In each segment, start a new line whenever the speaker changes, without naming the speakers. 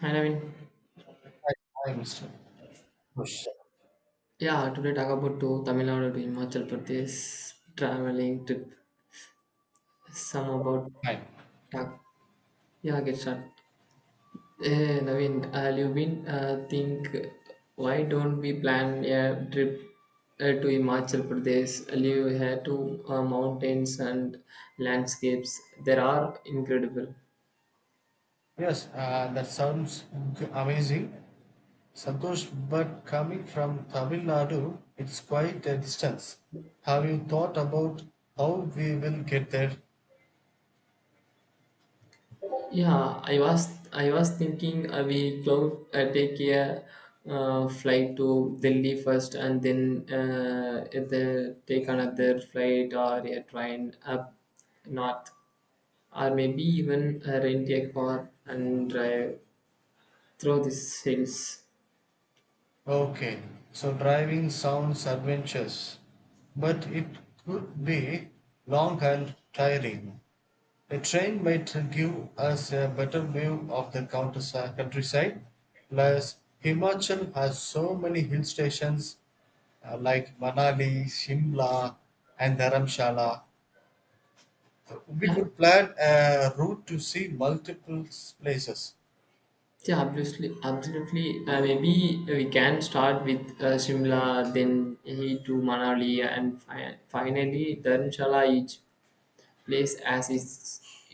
And I mean,
Hi, Mr. Santosh.
yeah, today talk about to Tamil Nadu to Himachal Pradesh traveling trip. Some about
Hi.
talk. Yeah, get started. Hey, Naveen, you've been think why don't we plan a trip to Himachal Pradesh? Live here to mountains and landscapes. There are incredible.
Yes, that sounds amazing, Santosh. But coming from Tamil Nadu, it's quite a distance. Have you thought about how we will get there?
Yeah, I was thinking I will go take a flight to Delhi first and then either take another flight or a train up north or maybe even rent a car and drive through these hills.
Okay, so driving sounds adventurous, but it could be long and tiring. A train might give us a better view of the countryside. Plus, Himachal has so many hill stations like Manali, Shimla, and Dharamshala. We
Yeah,
could plan a route to see multiple places.
yeah, absolutely, absolutely. Maybe we can start with Shimla, then he to Manali, and finally Dharamshala each. Place as its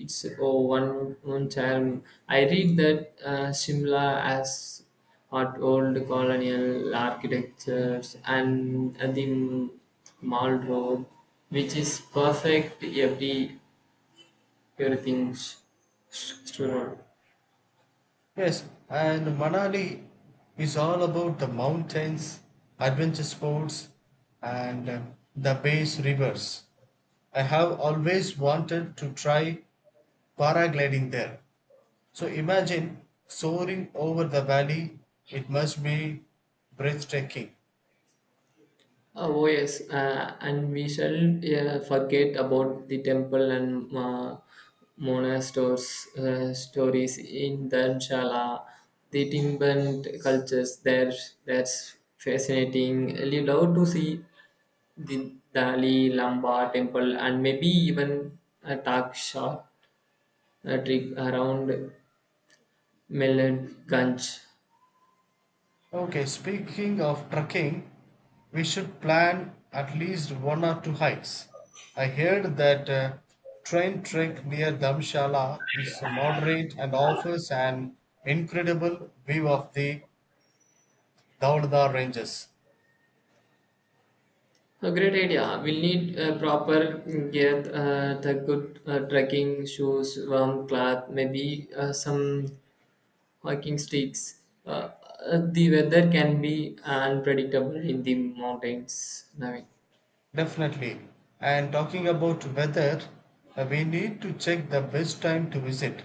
its oh, one own charm. I read that Shimla has hot old colonial architectures and the mall road, which is perfect everything store.
Yes, and Manali is all about the mountains, adventure sports, and the base rivers. I have always wanted to try paragliding there. So imagine soaring over the valley, it must be breathtaking.
Oh, yes, and we shall forget about the temple and monasteries stories in Dharamshala, the timbant cultures. There, that's fascinating. We love to see the Dali Lamba temple and maybe even a talk shop a trip around Mellanganj.
Okay, speaking of trekking, we should plan at least one or two hikes. I heard that train trek near Dharamshala is moderate and offers an incredible view of the Dhaulda ranges.
A great idea. We'll need proper gear, the good trekking shoes, warm cloth, maybe some hiking sticks. Uh, the weather can be unpredictable in the mountains, Naveen.
Definitely. And talking about weather, we need to check the best time to visit.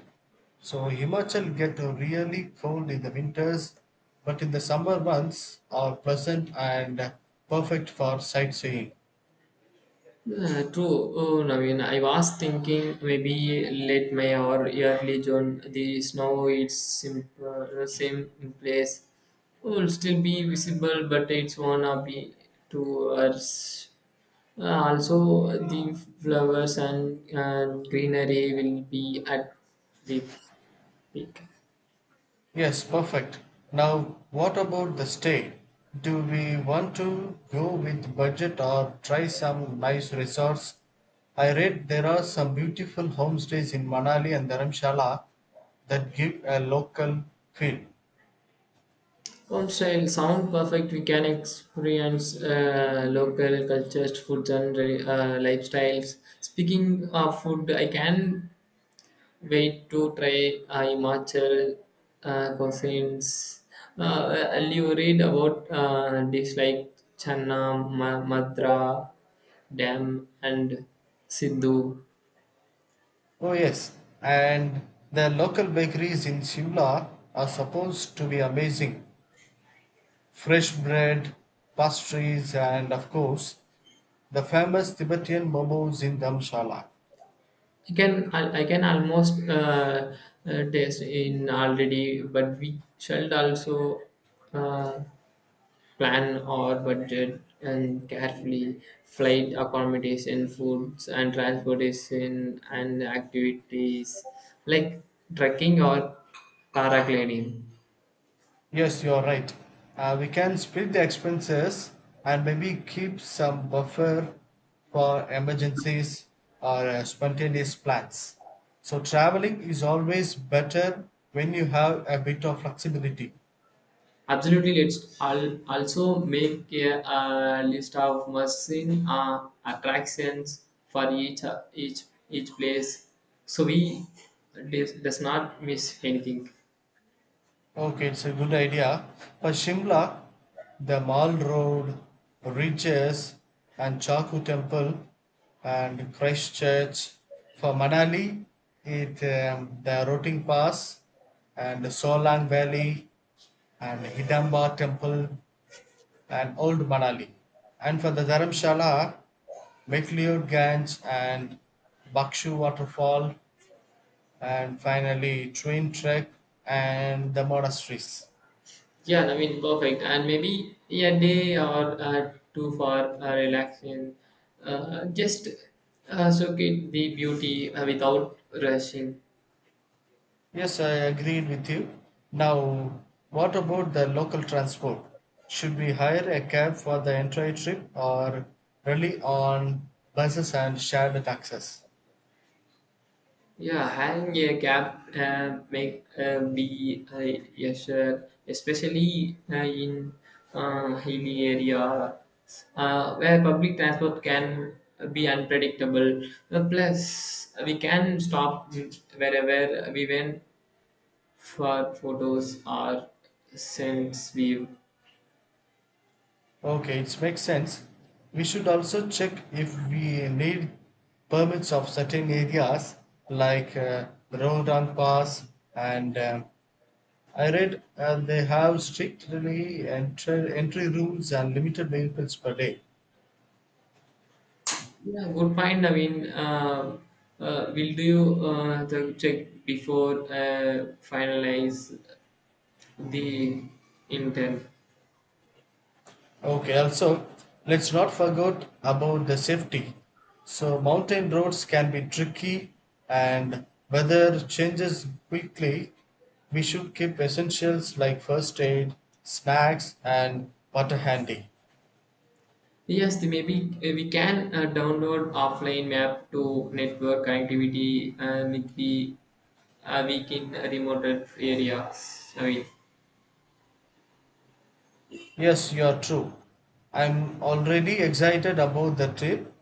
So Himachal get really cold in the winters, but in the summer months are pleasant and perfect for sightseeing.
Yeah, true, Naveen. I was thinking maybe late May or early June. The snow is same in place. Will still be visible, but it's wanna be too harsh. Also, the flowers and greenery will be at the peak.
Yes, perfect. Now, what about the stay? Do we want to go with budget or try some nice resorts? I read there are some beautiful homestays in Manali and Dharamshala that give a local feel.
Home style sound perfect. We can experience local cultures, foods, and lifestyles. Speaking of food, I can wait to try Himachal cuisines. And you read about dishes like Channa, Madra, Dam, and Sindhu.
Oh, yes, and the local bakeries in Simla are supposed to be amazing. Fresh bread, pastries, and of course, the famous Tibetan momos in Dharamshala.
I can almost taste in already, but we shall also. Uh, Plan our budget and carefully flight accommodation, foods and transportation and activities like trekking or paragliding.
Yes, you are right. We can split the expenses and maybe keep some buffer for emergencies or spontaneous plans. So, traveling is always better when you have a bit of flexibility.
Absolutely, let's also make a, list of must-seen attractions for each each place, so we does not miss anything.
Okay, it's a good idea. For Shimla, the Mall Road, Ridges, and Chaku Temple, and Christchurch. For Manali, it the Roting Pass, and the Solang Valley, and Hidamba Temple, and Old Manali. And for the Dharamshala, McLeod Ganj and Bakshu Waterfall, and finally Train Trek and the monasteries.
Yeah, I mean, perfect. And maybe a day or two for relaxing. Just soak get the beauty without rushing.
Yes, I agreed with you. Now, what about the local transport? Should we hire a cab for the entire trip or rely on buses and shared taxis?
Yeah, hang a cap make be a shirt, especially in hilly area where public transport can be unpredictable. Plus, we can stop wherever we went for photos or sense view.
Okay, it makes sense. We should also check if we need permits of certain areas like Rodan Pass and I read they have strictly entry rules and limited vehicles per day.
Yeah, good point. We'll do the check before finalize the intent.
Okay, also let's not forget about the safety. So mountain roads can be tricky and weather changes quickly. We should keep essentials like first aid, snacks and water handy.
Yes, maybe we can download offline map to network connectivity with the weak in remote areas.
Yes, you are true. I'm already excited about the trip.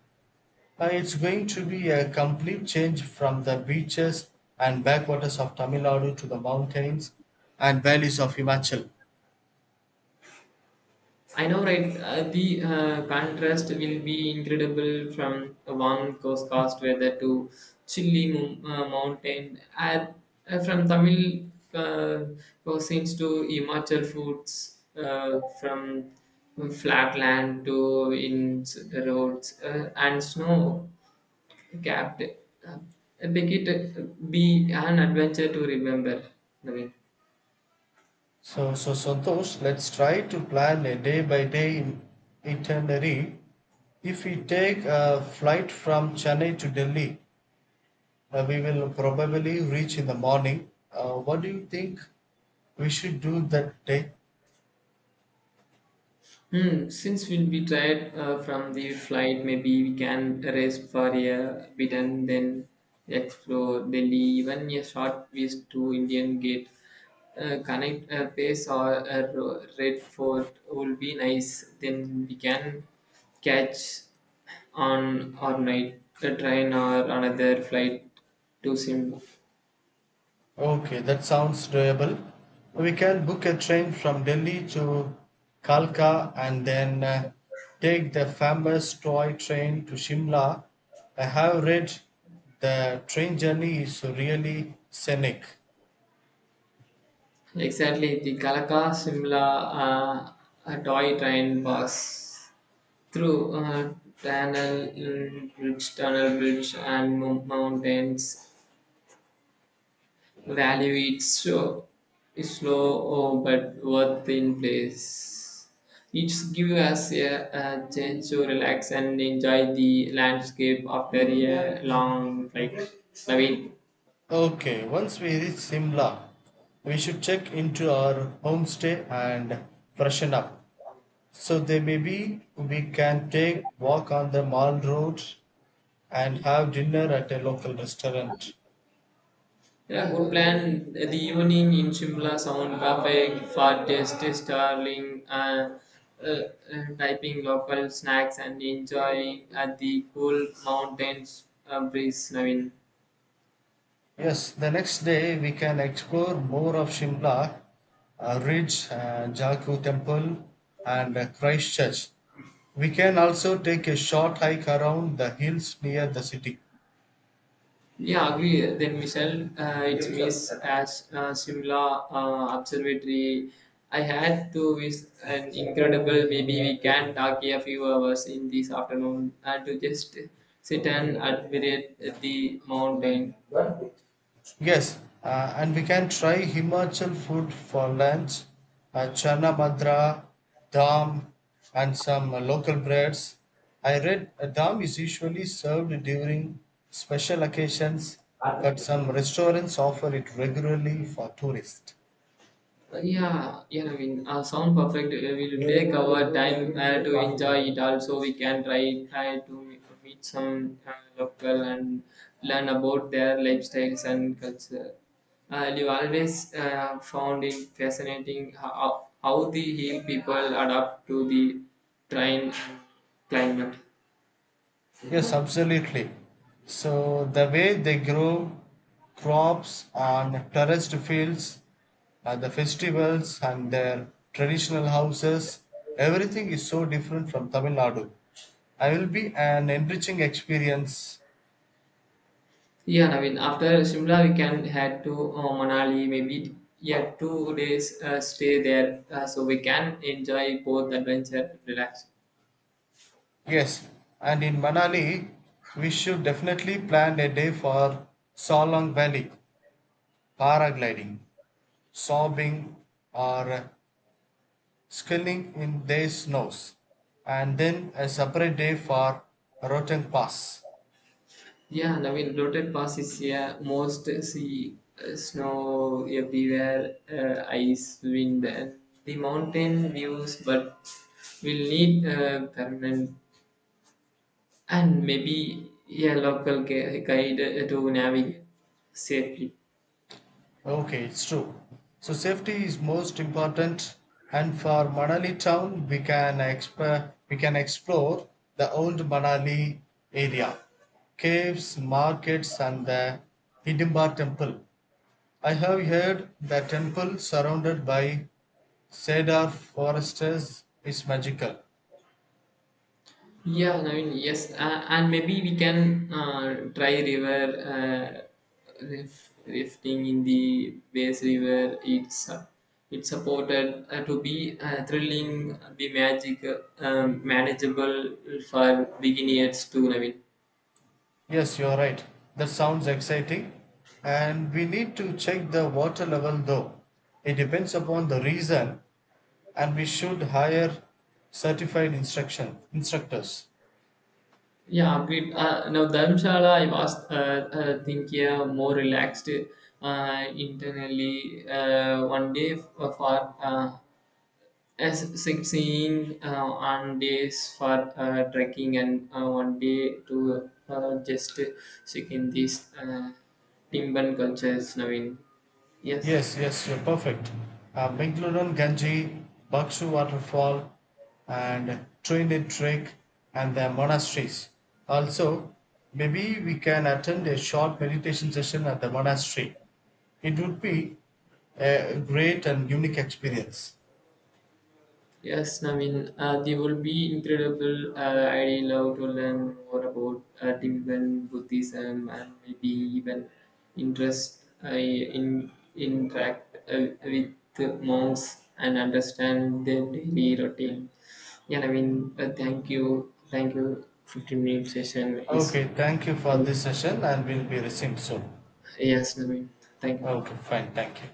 It's going to be a complete change from the beaches and backwaters of Tamil Nadu to the mountains and valleys of Himachal.
I know, right? The contrast will be incredible from a warm coast weather to chilly mountain, and from Tamil cuisines to Himachal foods, from flat land to in roads and snow capped. Uh, Make it uh, be an adventure to remember, Naveen.
So, Santosh, let's try to plan a day by day itinerary. If we take a flight from Chennai to Delhi, we will probably reach in the morning. What do you think we should do that day?
Hmm. Since we'll be tired from the flight, maybe we can rest for a bit and then explore Delhi. Even a short visit to Indian Gate, connect pace or Red Fort will be nice. Then we can catch on or night a train or another flight to Simla.
Okay, that sounds doable. We can book a train from Delhi to Kalka and then take the famous toy train to Shimla. I have read the train journey is really scenic.
Exactly, the Kalaka Simla a toy train bus through tunnel, bridge, tunnel bridge, and mountains. Value its show is slow oh, but worth in place. It gives us a chance to relax and enjoy the landscape after a long flight. Mean.
Okay, once we reach Shimla, we should check into our homestay and freshen up. So then maybe we can take walk on the mall road and have dinner at a local restaurant.
Yeah, good plan. The evening in Shimla sound perfect for tasty starling, uh, uh, typing local snacks and enjoying at the cool mountains breeze, Navin.
Yes, the next day we can explore more of Shimla, Ridge, Jaku Temple, and Christchurch. We can also take a short hike around the hills near the city.
Yeah, agree. Then Michelle, it's Miss as Shimla Observatory. I had to visit an incredible. Maybe we can talk a few hours in this afternoon to just sit and admire the mountain.
Yes, and we can try Himachal food for lunch, chana madra, dam, and some local breads. I read dam is usually served during special occasions, but some restaurants offer it regularly for tourists.
Yeah, yeah, sound perfect. We'll take our time to enjoy it. Also, we can try to meet some local and learn about their lifestyles and culture. You always found it fascinating how the hill people adapt to the train climate.
Yes, absolutely. So the way they grow crops on terraced fields, at the festivals and their traditional houses, everything is so different from Tamil Nadu. I will be an enriching experience.
Yeah, Naveen. After Shimla, we can head to Manali. Maybe yeah, 2 days stay there, so we can enjoy both adventure and relax.
Yes, and in Manali, we should definitely plan a day for Solong Valley, paragliding, sobbing, or sculling in days nose and then a separate day for Rotang Pass.
Yeah, Naveen. Rotate Pass is here. Most see snow everywhere, ice, wind, and the mountain views. But we'll need permanent and maybe a local guide to navigate safely.
Okay, it's true. So safety is most important and for Manali town we can explore the old Manali area. Caves, markets and the Hidimba temple. I have heard the temple surrounded by cedar forests is magical.
Yes, and maybe we can try river rifting in the Bass River. It's supported to be thrilling, be magic, manageable for beginners too.
Yes, you're right. That sounds exciting. And we need to check the water level though. It depends upon the reason, and we should hire certified instruction instructors.
Yeah, agreed. Now Dharamshala, I was thinking more relaxed internally 1 day for as sightseeing on days for trekking and 1 day to just check in these Timban cultures, Naveen. Yes.
Yes, yes, you're perfect. Bengaluru Ganji, Baksu Waterfall, and Trinity Trek, and the monasteries. Also, maybe we can attend a short meditation session at the monastery. It would be a great and unique experience.
Yes, they will be incredible. I love to learn more about Tibetan Buddhism and maybe even interest in interact with monks and understand their daily routine. Thank you, thank you. 15 minute session is
Okay, thank you for this session, and we'll be resumed soon.
yes, I mean, thank you.
Okay, fine, thank you.